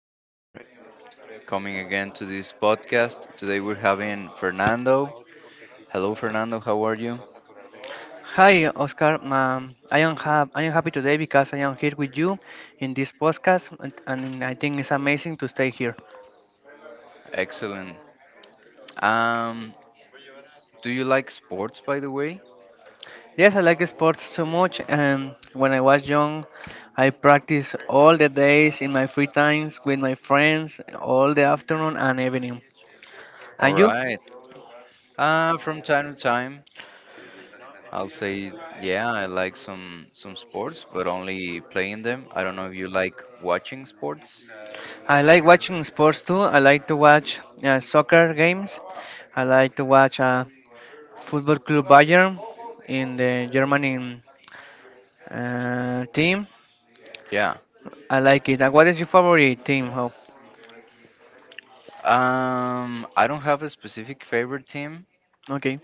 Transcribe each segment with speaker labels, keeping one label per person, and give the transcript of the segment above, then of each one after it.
Speaker 1: Thank you for coming again to this podcast. Today we're having Fernando. Hello, Fernando. How are you?
Speaker 2: Hi, Oscar. I am happy today because I am here with you in this podcast, and I think it's amazing to stay here.
Speaker 1: Excellent. Um, do you like sports, by the way?
Speaker 2: Yes, I like sports so much, and when I was young, I practiced all the days in my free times with my friends, all the afternoon and evening.
Speaker 1: All
Speaker 2: And you?
Speaker 1: right. From time to time, I'll say, yeah, I like some sports, but only playing them. I don't know if you like watching sports.
Speaker 2: I like watching sports too. I like to watch soccer games. I like to watch. Football Club Bayern in the Germany team.
Speaker 1: Yeah.
Speaker 2: I like it. And what is your favorite team? How?
Speaker 1: I don't have a specific favorite team,
Speaker 2: Okay.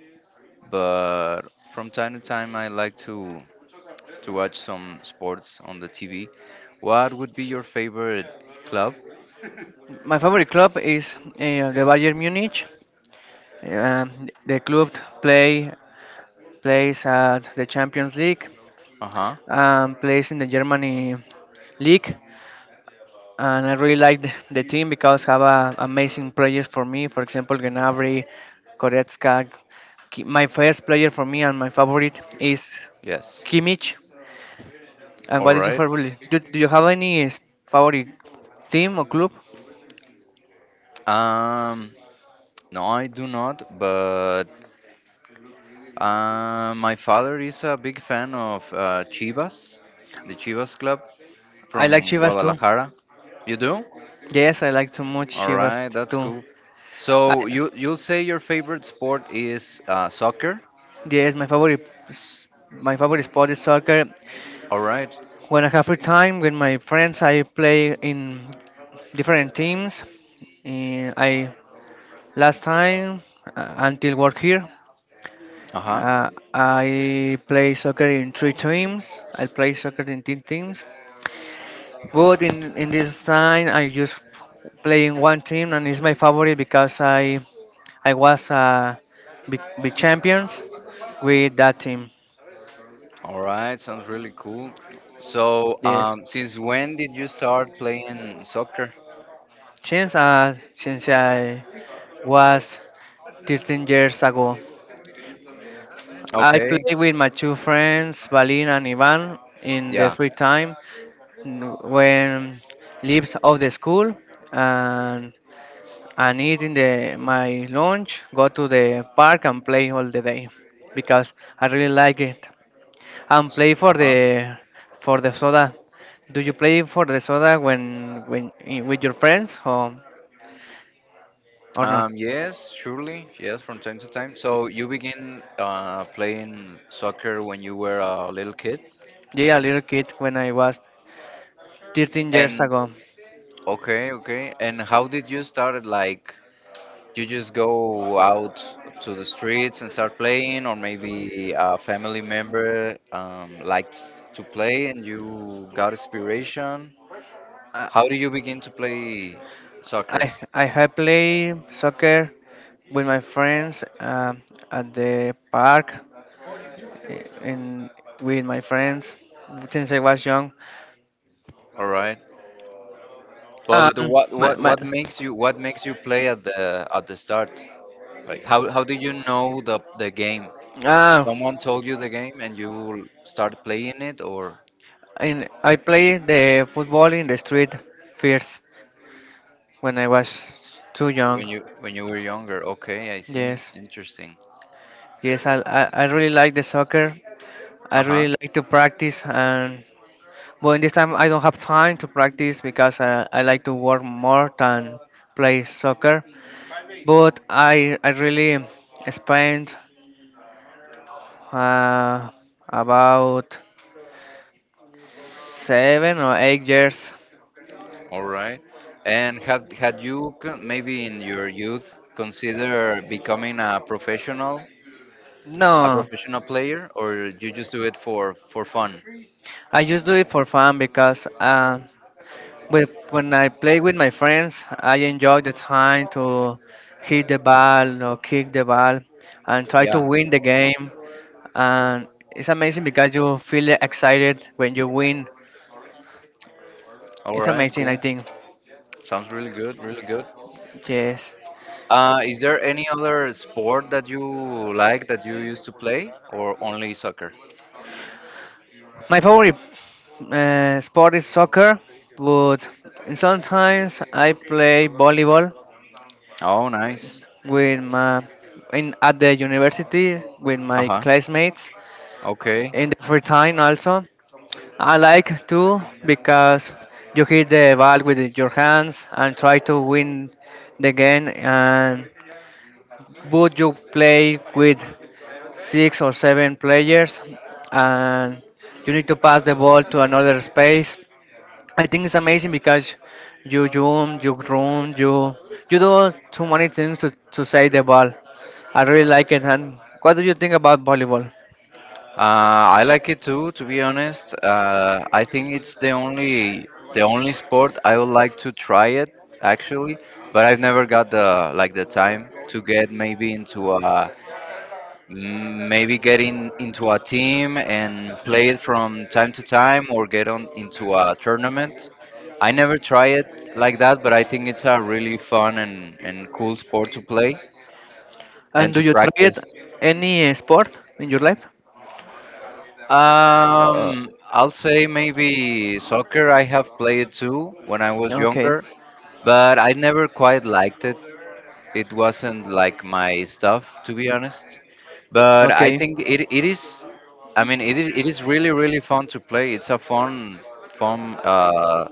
Speaker 1: but from time to time, I like to watch some sports on the TV. What would be your favorite club?
Speaker 2: My favorite club is the Bayern Munich. Um, the club play plays at the Champions League
Speaker 1: Uh huh.
Speaker 2: and plays in the Germany league. And I really like the team because have a, amazing players for me. For example, Gnabry, Goretzka. My first player for me and my favorite is
Speaker 1: Yes.
Speaker 2: Kimmich. And
Speaker 1: All
Speaker 2: what did you
Speaker 1: right.
Speaker 2: favorite? Do you have favorite team or club?
Speaker 1: Um, no, I do not, but my father is a big fan of Chivas, the Chivas club
Speaker 2: I like
Speaker 1: from
Speaker 2: Chivas too.
Speaker 1: Guadalajara. You do?
Speaker 2: Yes, I like too much
Speaker 1: All
Speaker 2: Chivas
Speaker 1: right, that's
Speaker 2: too.
Speaker 1: cool.
Speaker 2: I,
Speaker 1: So you'll say your favorite sport is soccer?
Speaker 2: yes, my favorite sport is soccer.
Speaker 1: All right.
Speaker 2: When I have free time with my friends, I play in different teams. I last time until work here,
Speaker 1: Uh huh.
Speaker 2: I play soccer in three teams. I play soccer in three teams. Good in this time. I just playing one team and it's my favorite because I was big champions with that team.
Speaker 1: All right, sounds really cool. So,
Speaker 2: Yes,
Speaker 1: since when did you start playing soccer?
Speaker 2: since I was 13 years ago, I
Speaker 1: Okay,
Speaker 2: play with my 2 friends Balin and Ivan in the
Speaker 1: yeah.
Speaker 2: free time when leaves of the school and eating the my lunch, go to the park and play all the day because I really like it. And play
Speaker 1: Uh-huh.
Speaker 2: for the soda. Do you play for the soda with your friends or not?
Speaker 1: Yes, surely, yes, from time to time. So you begin playing soccer when you were a little kid?
Speaker 2: Yeah, a little kid when I was 13 years
Speaker 1: And
Speaker 2: ago.
Speaker 1: okay, okay. And how did you start it? Like, you just go out to the streets and start playing, or maybe a family member liked to play and you got inspiration?
Speaker 2: I
Speaker 1: How do you begin to play soccer?
Speaker 2: I have play soccer with my friends at the park I- in with my friends since I was young.
Speaker 1: All right. But what what
Speaker 2: My
Speaker 1: what makes you what makes you play at the start? Like how do you know the game?
Speaker 2: Ah,
Speaker 1: Someone told you the game and you start playing it or
Speaker 2: in I played the football in the street first when I was too
Speaker 1: when
Speaker 2: young.
Speaker 1: you were younger. Okay, I see.
Speaker 2: Yes,
Speaker 1: Interesting.
Speaker 2: yes, I really like the soccer. I
Speaker 1: Uh-huh.
Speaker 2: really like to practice, and but in this time I don't have time to practice because I like to work more than play soccer. But I really spent uh, about 7 or 8 years.
Speaker 1: All right. And had you maybe in your youth consider becoming a
Speaker 2: No,
Speaker 1: professional player, or you just do it for fun?
Speaker 2: I just do it for fun because. When I play with my friends, I enjoy the time to hit the ball or kick the ball and try to
Speaker 1: Yeah.
Speaker 2: win the game. And it's amazing because you feel excited when you win.
Speaker 1: All
Speaker 2: It's
Speaker 1: right,
Speaker 2: amazing, I
Speaker 1: cool.
Speaker 2: think.
Speaker 1: Sounds really good, really good.
Speaker 2: Yes.
Speaker 1: Is there any other sport that you like that you used to play, or only soccer?
Speaker 2: My favorite sport is soccer, but sometimes I play volleyball
Speaker 1: Oh, nice.
Speaker 2: with my in at the university with my
Speaker 1: Uh-huh.
Speaker 2: classmates.
Speaker 1: Okay.
Speaker 2: In the free time also. I like to because you hit the ball with your hands and try to win the game and would you play with six or seven players and you need to pass the ball to another space. I think it's amazing because you jump, you run, you do too many things to save the ball. I really like it and what do you think about volleyball?
Speaker 1: I like it too, to be honest. I think it's the only sport I would like to try it actually, but I've never got the, like, the time to get maybe into a mm, maybe get into a team and play it from time to time or get on into a tournament. I never try it like that, but I think it's a really fun and cool sport to play and
Speaker 2: And do
Speaker 1: to
Speaker 2: you try it
Speaker 1: practice.
Speaker 2: any sport in your life? Uh,
Speaker 1: I'll say maybe soccer. I have played too when I was
Speaker 2: okay,
Speaker 1: younger, but I never quite liked it. It wasn't like my stuff, to be honest, but I
Speaker 2: okay.
Speaker 1: think it, it is I mean it is really, really fun to play. It's a fun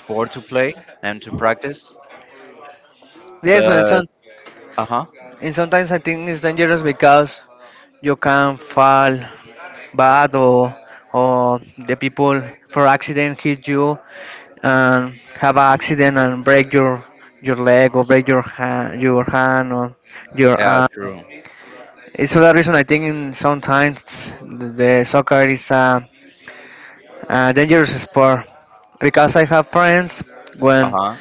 Speaker 1: sport to play and to practice.
Speaker 2: Yes, but in some,
Speaker 1: But uh-huh,
Speaker 2: in sometimes I think it's dangerous because you can fall bad or the people for accident hit you and have an accident and break your leg or break your hand or your
Speaker 1: yeah,
Speaker 2: arm.
Speaker 1: true.
Speaker 2: It's for that reason I think in sometimes the soccer is a dangerous sport because I have friends when
Speaker 1: Uh-huh.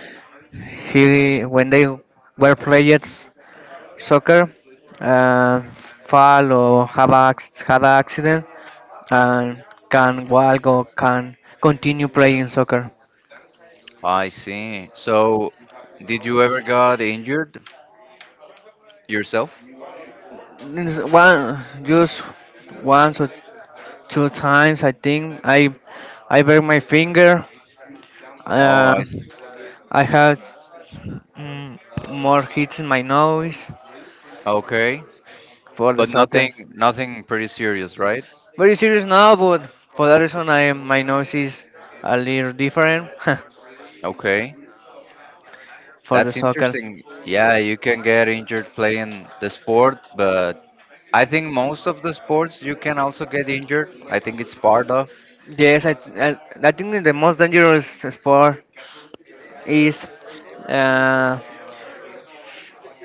Speaker 2: he when they were playing soccer, uh, fall or had an accident and can walk or can continue playing soccer.
Speaker 1: I see. So did you ever got injured yourself?
Speaker 2: This one just once or two times I think I break my finger.
Speaker 1: oh i
Speaker 2: Uh,
Speaker 1: s-
Speaker 2: I had mm, more hits in my nose
Speaker 1: okay.
Speaker 2: for the
Speaker 1: But
Speaker 2: soccer.
Speaker 1: nothing, nothing pretty serious, right?
Speaker 2: Very serious now, but for that reason, I my nose is a little different
Speaker 1: Okay.
Speaker 2: for the
Speaker 1: That's
Speaker 2: soccer.
Speaker 1: interesting. Yeah, you can get injured playing the sport, but I think most of the sports you can also get injured. I think it's part of.
Speaker 2: Yes, I think that the most dangerous sport is uh,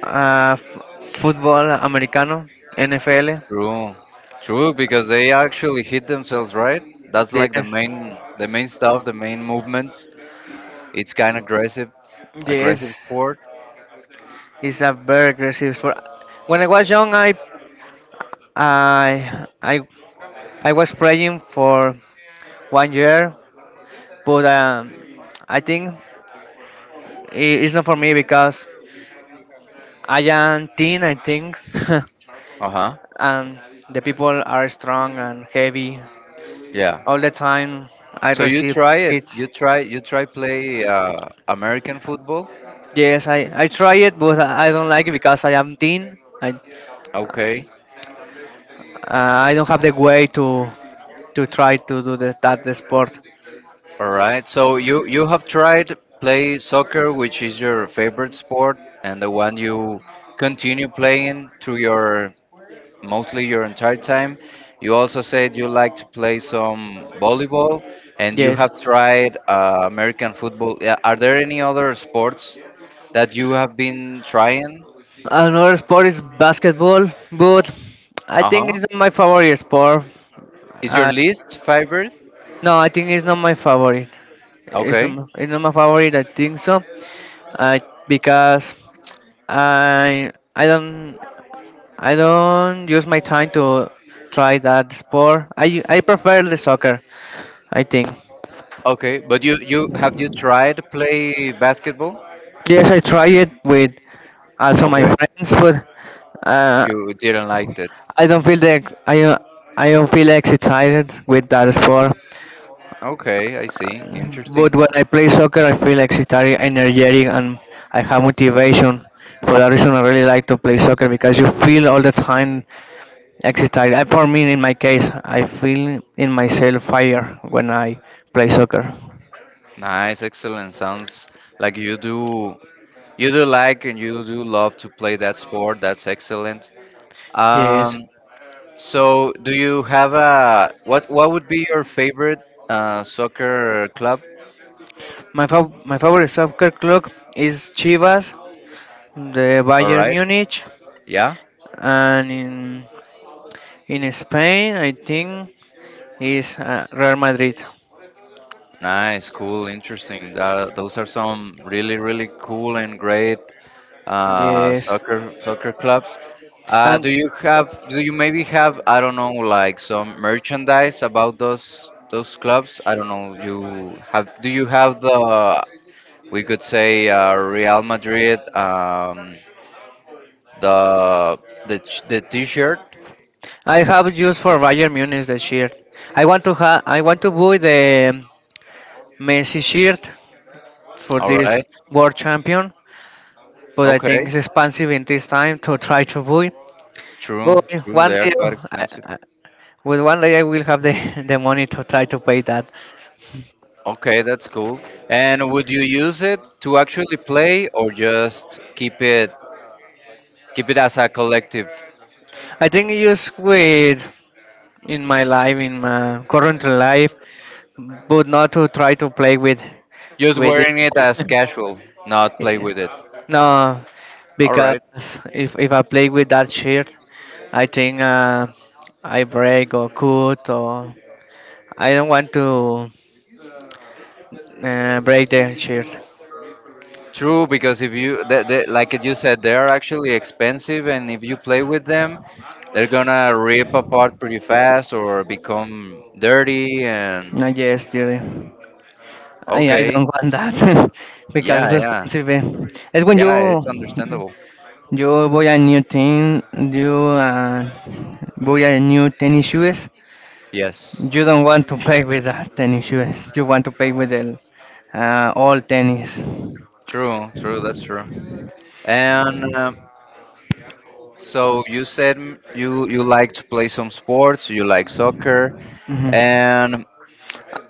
Speaker 2: uh, f- football americano, NFL.
Speaker 1: True. True, because they actually hit themselves, right? That's like the
Speaker 2: Yes,
Speaker 1: main the main stuff, the main movements. It's kind of aggressive, aggressive
Speaker 2: yes,
Speaker 1: sport.
Speaker 2: it's a very aggressive sport. When I was young, I I, I was playing for one year, but I think it's not for me because I am thin, I think,
Speaker 1: Uh-huh.
Speaker 2: and the people are strong and heavy.
Speaker 1: Yeah.
Speaker 2: All the time I
Speaker 1: So you
Speaker 2: receive
Speaker 1: try it.
Speaker 2: hits.
Speaker 1: You try play American football.
Speaker 2: Yes, I try it, but I don't like it because I am thin.
Speaker 1: Okay.
Speaker 2: I don't have the way to try to do that the sport.
Speaker 1: All right. So you have tried play soccer, which is your favorite sport, and the one you continue playing through your, mostly your entire time. You also said you like to play some volleyball, and you
Speaker 2: Yes.
Speaker 1: have tried American football. Yeah, are there any other sports that you have been trying?
Speaker 2: Another sport is basketball, but I think it's
Speaker 1: Uh-huh.
Speaker 2: not my favorite sport.
Speaker 1: Is your
Speaker 2: Uh,
Speaker 1: least favorite?
Speaker 2: no, I think it's not my favorite. It's not,
Speaker 1: Okay.
Speaker 2: it's not my favorite, I think so. Uh, because I I don't I don't use my time to try that sport. I prefer the soccer. I think.
Speaker 1: Okay. But you have you tried play basketball?
Speaker 2: Yes, I try it with also my
Speaker 1: Okay.
Speaker 2: friends, but uh,
Speaker 1: You didn't like it.
Speaker 2: I don't feel the I don't- I don't feel excited with that sport.
Speaker 1: Okay, I see.
Speaker 2: But
Speaker 1: Interesting.
Speaker 2: when I play soccer, I feel excited, energetic, and I have motivation. For that reason, I really like to play soccer because you feel all the time excited. And for me, in my case, I feel in myself fire when I play soccer.
Speaker 1: Nice, excellent. Sounds like you do, you do like and you do love to play that sport. That's excellent.
Speaker 2: Yes,
Speaker 1: Um, so do you have a, what would be your favorite soccer club?
Speaker 2: my favorite soccer club is Chivas, the
Speaker 1: All
Speaker 2: Bayern
Speaker 1: right.
Speaker 2: Munich,
Speaker 1: Yeah.
Speaker 2: and in Spain, I think is Real Madrid.
Speaker 1: Nice, cool, interesting. Those are some really, really cool and great
Speaker 2: Yes,
Speaker 1: soccer clubs. Do
Speaker 2: and
Speaker 1: you have? Do you maybe have? I don't know, like some merchandise about those clubs. I don't know. You have? Do you have the? We could say Real Madrid. The the T-shirt.
Speaker 2: I have used for Bayern Munich the shirt. I want to buy the Messi shirt for
Speaker 1: All
Speaker 2: this
Speaker 1: right.
Speaker 2: world champion, but I
Speaker 1: Okay.
Speaker 2: think it's expensive in this time to try to buy.
Speaker 1: True.
Speaker 2: But
Speaker 1: True.
Speaker 2: one
Speaker 1: They are
Speaker 2: day,
Speaker 1: quite
Speaker 2: I,
Speaker 1: expensive.
Speaker 2: I, well, one day I will have the, the money to try to pay that.
Speaker 1: Okay, that's cool. And would you use it to actually play or just keep it, keep it as a collective?
Speaker 2: I think just with in my life, in my current life, but not to try to play
Speaker 1: Just
Speaker 2: with it.
Speaker 1: wearing it as casual, not play with it.
Speaker 2: No,
Speaker 1: All
Speaker 2: because
Speaker 1: right.
Speaker 2: if I play with that shirt, I think I break or cut or I don't want to break the shirt.
Speaker 1: True, because if you, th th like you said, they are actually expensive, and if you play with them, they're gonna rip apart pretty fast or become dirty. And
Speaker 2: No, yes, Jerry. I
Speaker 1: okay,
Speaker 2: don't want that because
Speaker 1: yeah,
Speaker 2: it's
Speaker 1: yeah,
Speaker 2: expensive. Eh. It's when
Speaker 1: yeah, it's
Speaker 2: you
Speaker 1: understandable.
Speaker 2: you buy a new thing, you buy a new tennis shoes.
Speaker 1: Yes,
Speaker 2: You don't want to play with the tennis shoes. You want to play with the old tennis.
Speaker 1: true, true, that's true. And so you said mm, you like to play some sports, you like soccer,
Speaker 2: Hmm.
Speaker 1: and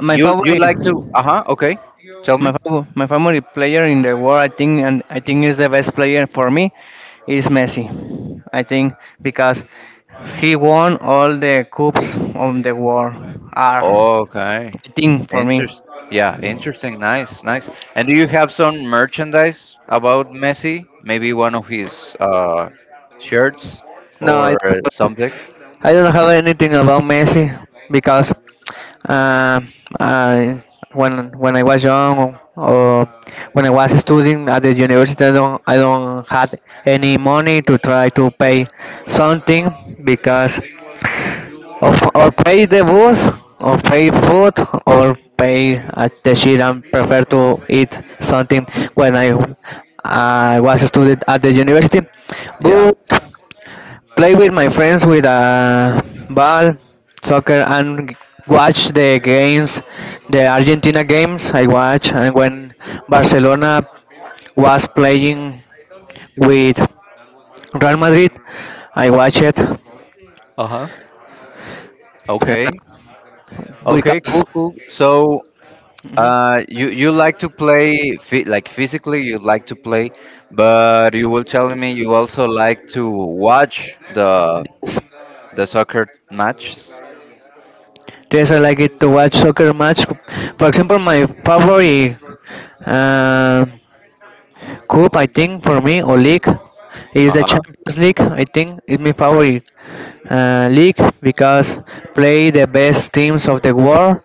Speaker 2: My
Speaker 1: you
Speaker 2: favorite.
Speaker 1: like to, uh-huh, okay, tell me.
Speaker 2: My favorite player in the world, I think, and I think is the best player for me, is Messi. I think because he won all the cups of the world. Are
Speaker 1: Okay.
Speaker 2: I think for me.
Speaker 1: Interest. Yeah, interesting. Nice, nice. And do you have some merchandise about Messi? Maybe one of his shirts
Speaker 2: No,
Speaker 1: or something?
Speaker 2: I don't have anything about Messi because um, I, when I was young or when I was studying at the university, I don't had any money to try to pay something because or pay the bus, or pay food, or pay at the shit and prefer to eat something when I was a student at the university.
Speaker 1: Yeah.
Speaker 2: But play with my friends with a ball, soccer, and watch the games, the Argentina games I watch, and when Barcelona was playing with Real Madrid, I watched it
Speaker 1: Uh-huh. Okay. Okay,
Speaker 2: because
Speaker 1: cool, cool. So,
Speaker 2: Mhm.
Speaker 1: you you like to play like physically, you like to play, but you will tell me you also like to watch the
Speaker 2: Yes.
Speaker 1: the soccer matches.
Speaker 2: Yes, I like it to watch soccer match. For example, my favorite uh, Cup, I think for me, or league is the
Speaker 1: Uh-huh.
Speaker 2: Champions League. I think is my favorite league because play the best teams of the world.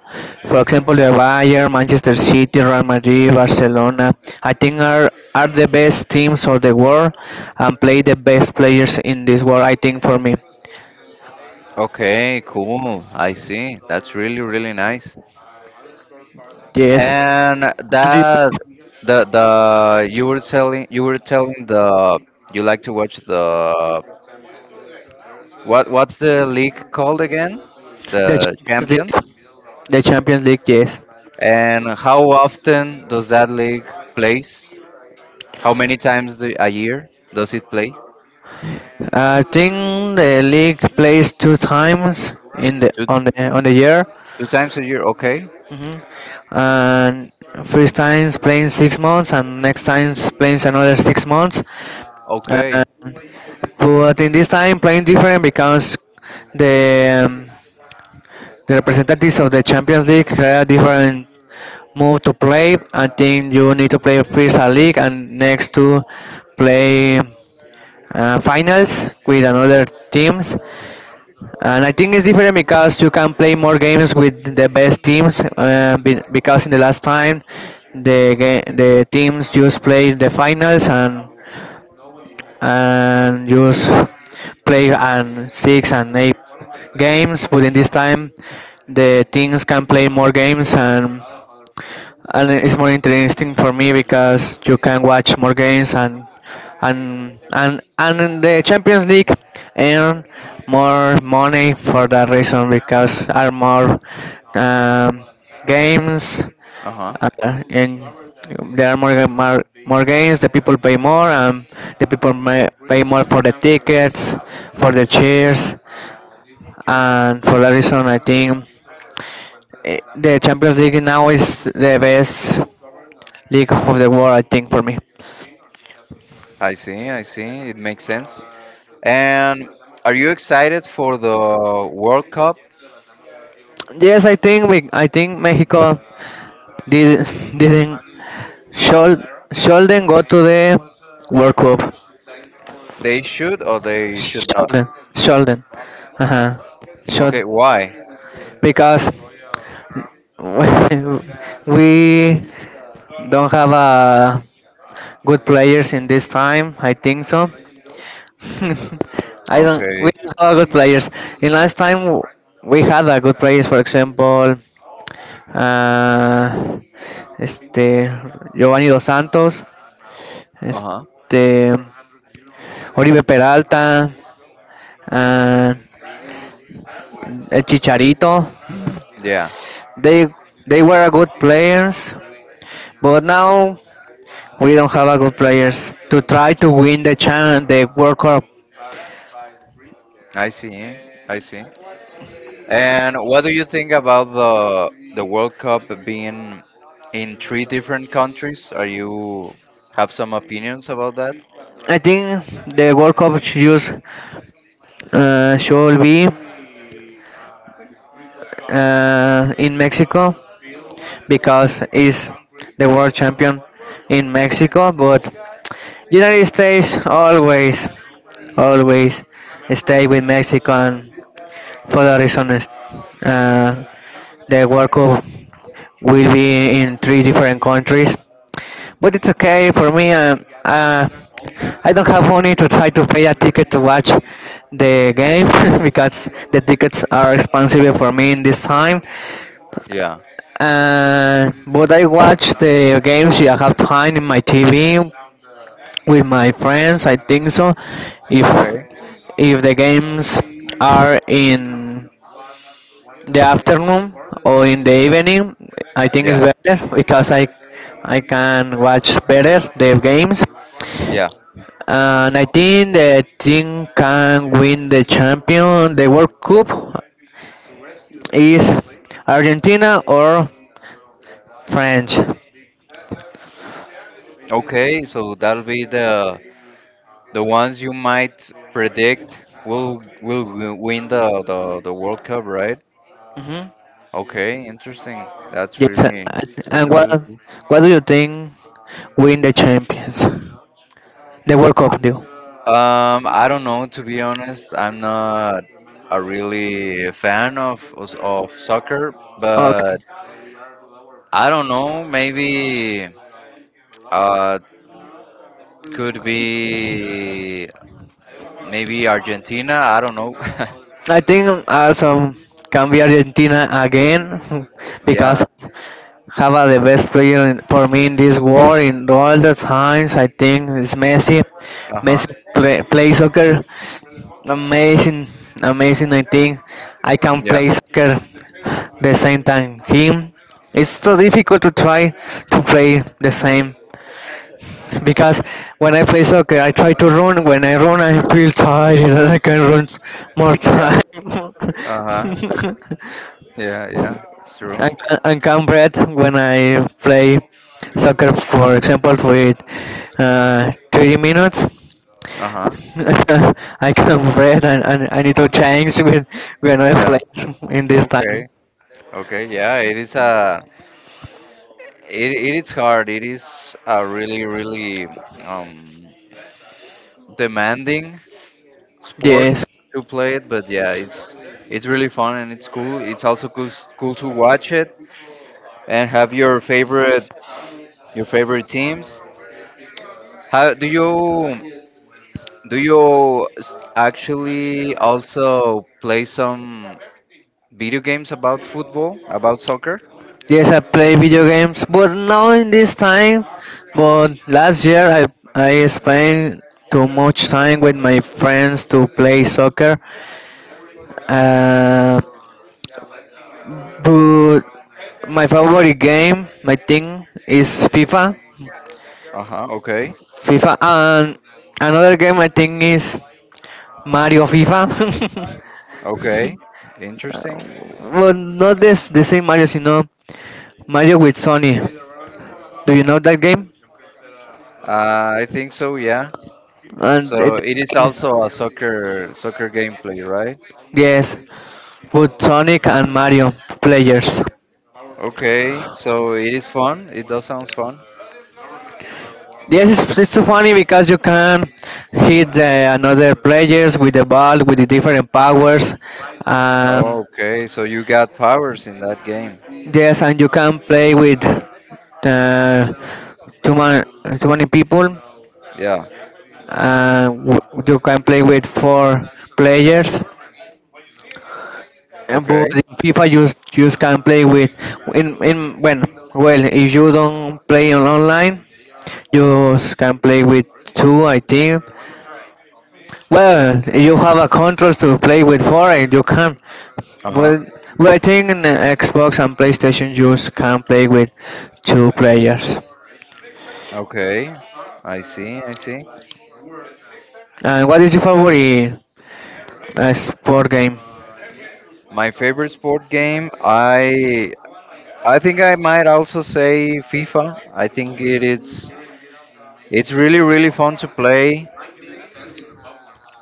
Speaker 2: For example, the Bayern, Manchester City, Real Madrid, Barcelona. I think are the best teams of the world and play the best players in this world. I think for me.
Speaker 1: Okay, cool. I see. That's really, really nice.
Speaker 2: Yes.
Speaker 1: And
Speaker 2: And do
Speaker 1: that,
Speaker 2: you-
Speaker 1: the you were telling the you like to watch the, what's the league called again?
Speaker 2: the
Speaker 1: The
Speaker 2: Champions
Speaker 1: Champions?
Speaker 2: League, the Champions League, yes.
Speaker 1: And how often does that league plays? How many times the, a year does it play?
Speaker 2: I think the league plays 2 times in
Speaker 1: Two
Speaker 2: the on the year.
Speaker 1: two times a year, okay?
Speaker 2: Hmm. And first time's playing 6 months, and next time's playing another 6 months.
Speaker 1: Okay.
Speaker 2: And, but in this time, playing different because the um, the representatives of the Champions League have different move to play. I think you need to play first a league and next to play finals with another teams. And I think it's different because you can play more games with the best teams. Because in the last time, the teams just played the finals and just play and six and eight games. But in this time, the teams can play more games and it's more interesting for me because you can watch more games and in the Champions League earn more money for that reason because are more um, games
Speaker 1: Uh-huh.
Speaker 2: uh, and there are more, more games the people pay more and the people may pay more for the tickets for the chairs and for that reason I think the Champions League now is the best league of the world, I think, for me.
Speaker 1: I see, I see. It makes sense. And are you excited for the World Cup?
Speaker 2: Yes, I think Mexico did didn't should shouldn't go to the World Cup.
Speaker 1: They should or they should not?
Speaker 2: Sheldon, Sheldon. Uh huh.
Speaker 1: Okay,
Speaker 2: Sheldon.
Speaker 1: why?
Speaker 2: Because we don't have a good players in this time, I think so. I don't. We
Speaker 1: Okay.
Speaker 2: don't have good players. In last time we had a good players. For example, uh, este Giovanni dos Santos,
Speaker 1: Uh-huh.
Speaker 2: este Oribe Peralta, and uh, Chicharito.
Speaker 1: Yeah,
Speaker 2: They they were a good players, but now we don't have a good players to try to win the chan the World Cup.
Speaker 1: I see. I see. And what do you think about the World Cup being in three different countries? Are you, have some opinions about that?
Speaker 2: I think the World Cup should use shall we in Mexico because he's the world champion in Mexico, but United States always, always stay with Mexico, and for that reason, is, uh, the World Cup will be in three different countries. But it's okay for me. I don't have money to try to pay a ticket to watch the game because the tickets are expensive for me in this time.
Speaker 1: Yeah.
Speaker 2: But I watch the games if I have time in my TV with my friends, I think so. If
Speaker 1: Okay.
Speaker 2: if the games are in the afternoon or in the evening, I think it's
Speaker 1: Yeah.
Speaker 2: better because I can watch better the games.
Speaker 1: Yeah.
Speaker 2: And I think the team can win the champion, the World Cup is Argentina or French?
Speaker 1: Okay, so that'll be the ones you might predict will win the World Cup, right?
Speaker 2: Hmm.
Speaker 1: Okay, interesting. That's
Speaker 2: Yes,
Speaker 1: really
Speaker 2: a-
Speaker 1: really
Speaker 2: and
Speaker 1: really cool.
Speaker 2: what do you think win the champions? The World Cup, do.
Speaker 1: I don't know, to be honest. I'm not a really fan of of soccer, but
Speaker 2: Okay.
Speaker 1: I don't know. Maybe uh could be maybe Argentina. I don't know.
Speaker 2: I think also can be Argentina again because
Speaker 1: Yeah.
Speaker 2: have the best player in, for me in this world in all the times. I think is Messi.
Speaker 1: Uh huh.
Speaker 2: Messi play, play soccer amazing, amazing. I think I can
Speaker 1: Yeah.
Speaker 2: play soccer the same time him. It's so difficult to try to play the same because when I play soccer, I try to run. When I run, I feel tired and I can run s- more
Speaker 1: Yeah.
Speaker 2: time.
Speaker 1: Uh huh. Yeah. Yeah. It's true.
Speaker 2: And can breathe when I play soccer, for example, with 30 minutes.
Speaker 1: Uh huh.
Speaker 2: I can breathe and, I need to change when I
Speaker 1: Yeah.
Speaker 2: play in this time.
Speaker 1: Okay. Okay. Yeah. It is a. It is hard. It is a really, really um demanding sport
Speaker 2: Yes.
Speaker 1: to play it. But yeah, it's really fun and it's cool. It's also cool to watch it and have your favorite, your favorite teams. How do you, do you actually also play some video games about football, about soccer?
Speaker 2: Yes, I play video games, but now in this time, but last year I spent too much time with my friends to play soccer. Uh, but my favorite game, my thing is FIFA,
Speaker 1: Uh huh. Okay.
Speaker 2: FIFA, and another game I think is Mario FIFA.
Speaker 1: Okay.
Speaker 2: Uh,
Speaker 1: Interesting.
Speaker 2: well, not this the same Mario, you know Mario with Sony. Do you know that game?
Speaker 1: I think so, yeah.
Speaker 2: And
Speaker 1: So
Speaker 2: it,
Speaker 1: it
Speaker 2: that
Speaker 1: is
Speaker 2: game is-
Speaker 1: also a soccer gameplay, right?
Speaker 2: yes, with Sonic and Mario players.
Speaker 1: Okay, so it is fun. It does sounds fun.
Speaker 2: Yes, it's so funny because you can hit the another players with the ball with the different powers. Um,
Speaker 1: Okay, so you got powers in that game.
Speaker 2: Yes, and you can play with uh, too many too many people.
Speaker 1: Yeah.
Speaker 2: You can play with four players, but
Speaker 1: Okay.
Speaker 2: in FIFA you can play with in when well if you don't play on online you s- can play with two, I think. Well, you have a control to play with four and you can.
Speaker 1: Uh-huh.
Speaker 2: Well, well I think in the Xbox and PlayStation you s- can play with two players.
Speaker 1: Okay. I see. I see.
Speaker 2: What is your favorite sport game?
Speaker 1: My favorite sport game, I think I might also say FIFA. I think it is, it's really, really fun to play.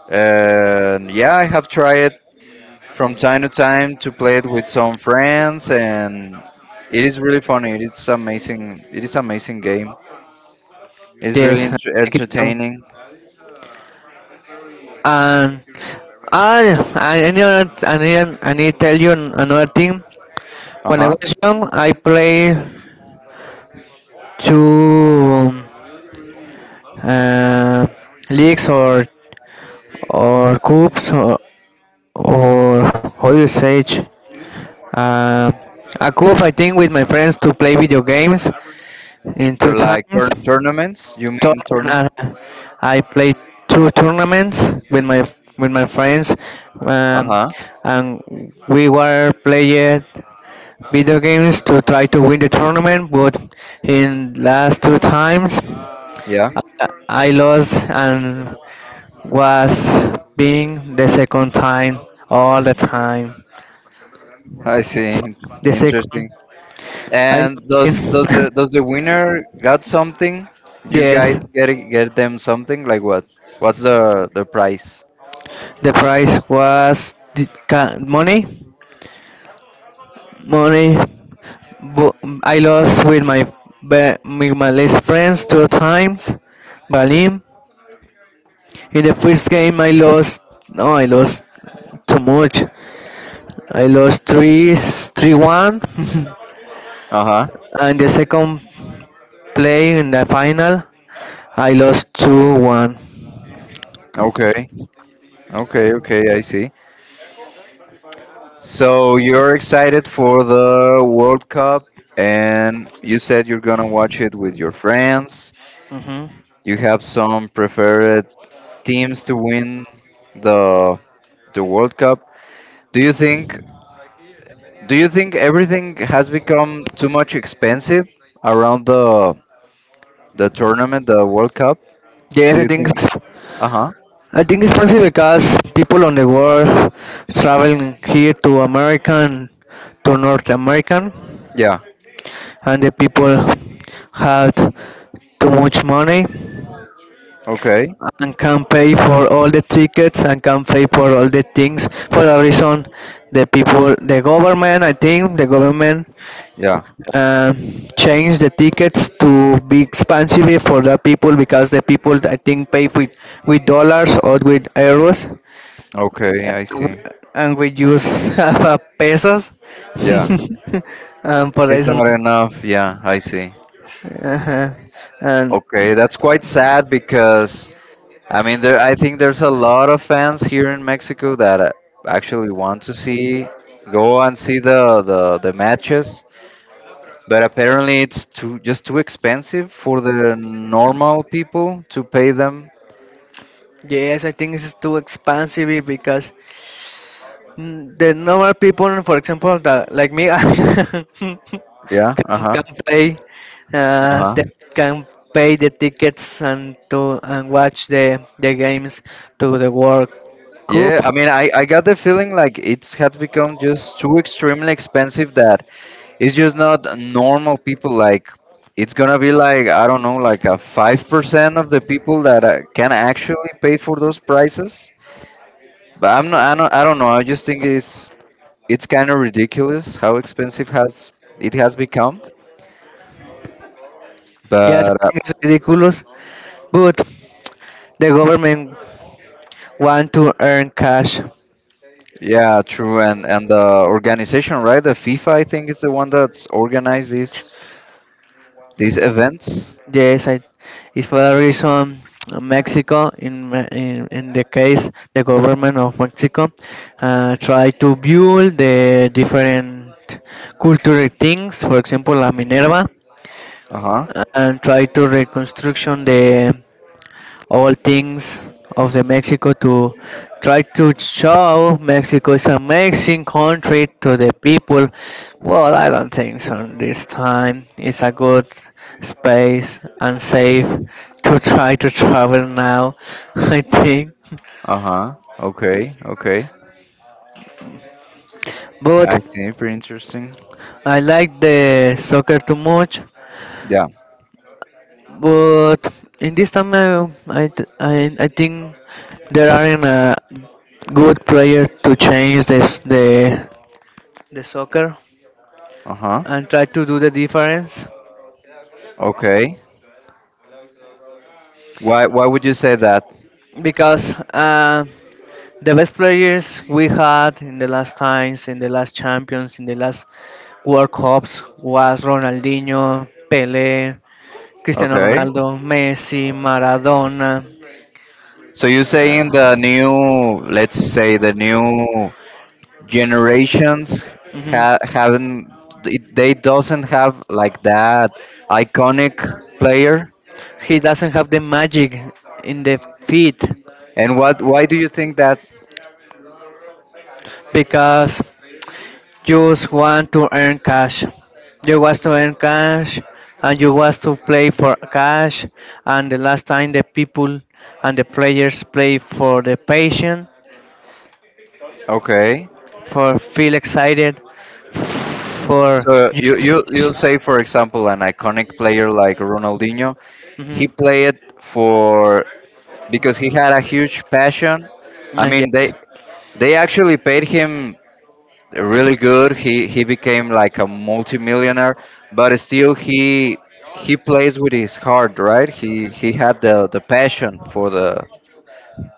Speaker 1: And yeah, I have tried from time to time to play it with some friends, and it is really funny. It's amazing. It is amazing game. It's really
Speaker 2: Yes, I like it too.
Speaker 1: entertaining.
Speaker 2: And I need to tell you an- another thing. When I
Speaker 1: Uh-huh.
Speaker 2: was young, I played two. uh, Leeks or coops or how you say it? Uh, a coop I think with my friends to play video games in
Speaker 1: So
Speaker 2: two
Speaker 1: like
Speaker 2: times.
Speaker 1: tournaments, you mean tournament.
Speaker 2: Tournament, I played two tournaments with my with my friends, um,
Speaker 1: Uh-huh.
Speaker 2: and we were playing video games to try to win the tournament, but in last two times
Speaker 1: Yeah.
Speaker 2: I lost and was being the second time all the time.
Speaker 1: I see,
Speaker 2: The second,
Speaker 1: interesting.
Speaker 2: I
Speaker 1: And
Speaker 2: know.
Speaker 1: does the, does the winner got something, you guys
Speaker 2: Yes,
Speaker 1: get get them something, like what, what's the price?
Speaker 2: the price was the ca- money, money. But I lost with my be- with my last friends two times, Balim. In the first game, I lost. No, I lost too much. I lost three, 3-1,
Speaker 1: Uh-huh.
Speaker 2: and the second play in the final, I lost 2-1.
Speaker 1: Okay, okay, okay, I see. So you're excited for the World Cup, and you said you're gonna watch it with your friends.
Speaker 2: Mm-hmm.
Speaker 1: You have some preferred teams to win the the World Cup. Do you think, do you think everything has become too much expensive around the tournament, the World Cup?
Speaker 2: Yes,
Speaker 1: Do
Speaker 2: I
Speaker 1: you
Speaker 2: think
Speaker 1: think?
Speaker 2: it's,
Speaker 1: Uh huh.
Speaker 2: I think it's possible because people on the world traveling here to American, to North American,
Speaker 1: Yeah.
Speaker 2: and the people had too much money
Speaker 1: Okay.
Speaker 2: and can pay for all the tickets and can pay for all the things for a reason the people the government
Speaker 1: Yeah.
Speaker 2: uh, changed the tickets to be expensive for the people because the people I think pay with dollars or with euros.
Speaker 1: Okay. I see.
Speaker 2: And we use half pesos
Speaker 1: Yeah.
Speaker 2: for
Speaker 1: It's
Speaker 2: this reason
Speaker 1: not enough. Yeah. I see.
Speaker 2: uh and
Speaker 1: Okay, that's quite sad, because I mean there, I think there's a lot of fans here in Mexico that actually want to see, go and see the matches, but apparently it's too, just too expensive for the normal people to pay them.
Speaker 2: yes I think it's too expensive because mm, the normal people, for example, that like me,
Speaker 1: Yeah, uh-huh.
Speaker 2: can pay,
Speaker 1: Uh-huh.
Speaker 2: that can pay the tickets and to and watch the games to the World
Speaker 1: Yeah,
Speaker 2: Cup.
Speaker 1: I mean I got the feeling like it has become just too extremely expensive that it's just not normal people. Like it's gonna be like, I don't know, like a 5% of the people that can actually pay for those prices. But I'm not. I don't. I don't know. I just think it's kind of ridiculous how expensive has, it has become.
Speaker 2: Yes,
Speaker 1: But
Speaker 2: I think it's ridiculous, but the government want to earn cash.
Speaker 1: yeah, true. And the organization, right? The FIFA, I think, is the one that's organized these events.
Speaker 2: Yes, I, it's for a reason Mexico, in the case the government of Mexico, try to build the different cultural things. For example, La Minerva,
Speaker 1: Uh huh.
Speaker 2: and try to reconstruction the all things of the Mexico to try to show Mexico is an amazing country to the people. Well, I don't think so. This time it's a good space and safe to try to travel now. I think,
Speaker 1: Uh huh. Okay. Okay. I
Speaker 2: but
Speaker 1: see. Pretty interesting.
Speaker 2: I like the soccer too much.
Speaker 1: Yeah.
Speaker 2: But in this time, I think there aren't a good player to change this the soccer
Speaker 1: Uh huh.
Speaker 2: and try to do the difference
Speaker 1: Okay. Why would you say that?
Speaker 2: because the best players we had in the last times, in the last champions, in the last World Cups was Ronaldinho, Pelé, Cristiano
Speaker 1: Okay.
Speaker 2: Ronaldo, Messi, Maradona.
Speaker 1: So you're saying the
Speaker 2: Uh,
Speaker 1: new, let's say the new generations
Speaker 2: mhm.
Speaker 1: ha haven't, they doesn't have like that iconic player?
Speaker 2: He doesn't have the magic in the feet
Speaker 1: And what, why do you think that?
Speaker 2: because just want to earn cash. You want to earn cash and you want to play for cash. And the last time the people and the players play for the patient,
Speaker 1: Okay.
Speaker 2: for feel excited, for
Speaker 1: So you
Speaker 2: use
Speaker 1: you
Speaker 2: this.
Speaker 1: you'll say, for example, an iconic player like Ronaldinho,
Speaker 2: Mhm.
Speaker 1: he played for because he had a huge passion. I mean they
Speaker 2: Yes,
Speaker 1: they actually paid him really good. He became like a multimillionaire, but still he plays with his heart, right? He had the passion for the,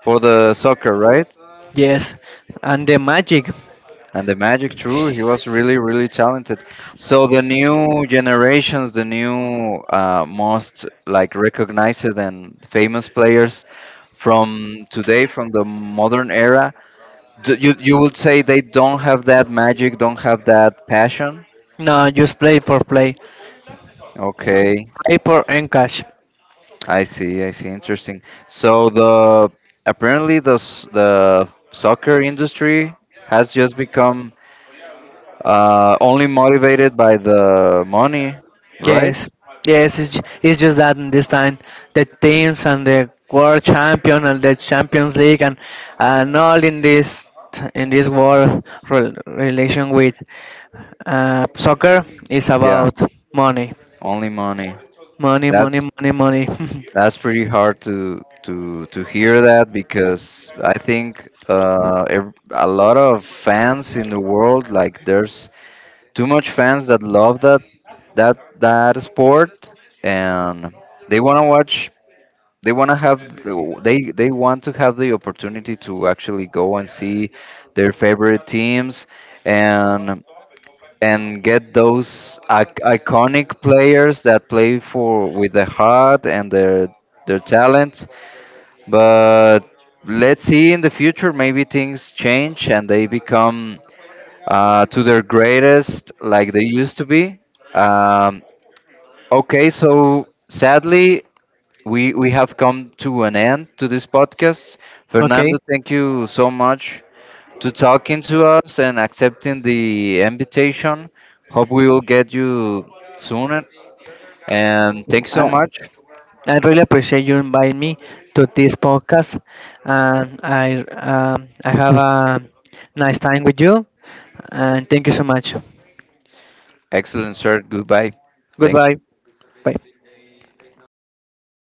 Speaker 1: for the soccer, right?
Speaker 2: yes. And the magic.
Speaker 1: And the magic, true, he was really, really talented. So the new generations, the new most like recognized and famous players from today, from the modern era, do, you would say they don't have that magic, don't have that passion?
Speaker 2: No, just play for play.
Speaker 1: Okay.
Speaker 2: Play for earn cash.
Speaker 1: I see, I see. Interesting. So the, apparently the the soccer industry has just become only motivated by the money, right?
Speaker 2: Yes, it's just that in this time the teams and the world champion and the Champions League and all in this world rel relation with soccer is
Speaker 1: Yeah,
Speaker 2: about money,
Speaker 1: only money.
Speaker 2: money, money,
Speaker 1: That's
Speaker 2: money, money.
Speaker 1: that's pretty hard to hear that, because I think a lot of fans in the world, like there's too much fans that love that, that sport and they want to watch, they want to have they want to have the opportunity to actually go and see their favorite teams and and get those iconic players that play for with their heart and their talent. But let's see in the future, maybe things change and they become to their greatest like they used to be. um, okay, so sadly we have come to an end to this podcast.
Speaker 2: Okay,
Speaker 1: Fernando, thank you so much to talking to us and accepting the invitation. Hope we will get you sooner. And thanks so
Speaker 2: uh,
Speaker 1: much.
Speaker 2: I really appreciate you inviting me to this podcast, and I have a nice time with you, and thank you so much.
Speaker 1: Excellent, sir. Goodbye. Thank
Speaker 2: Goodbye,
Speaker 1: you.
Speaker 2: bye.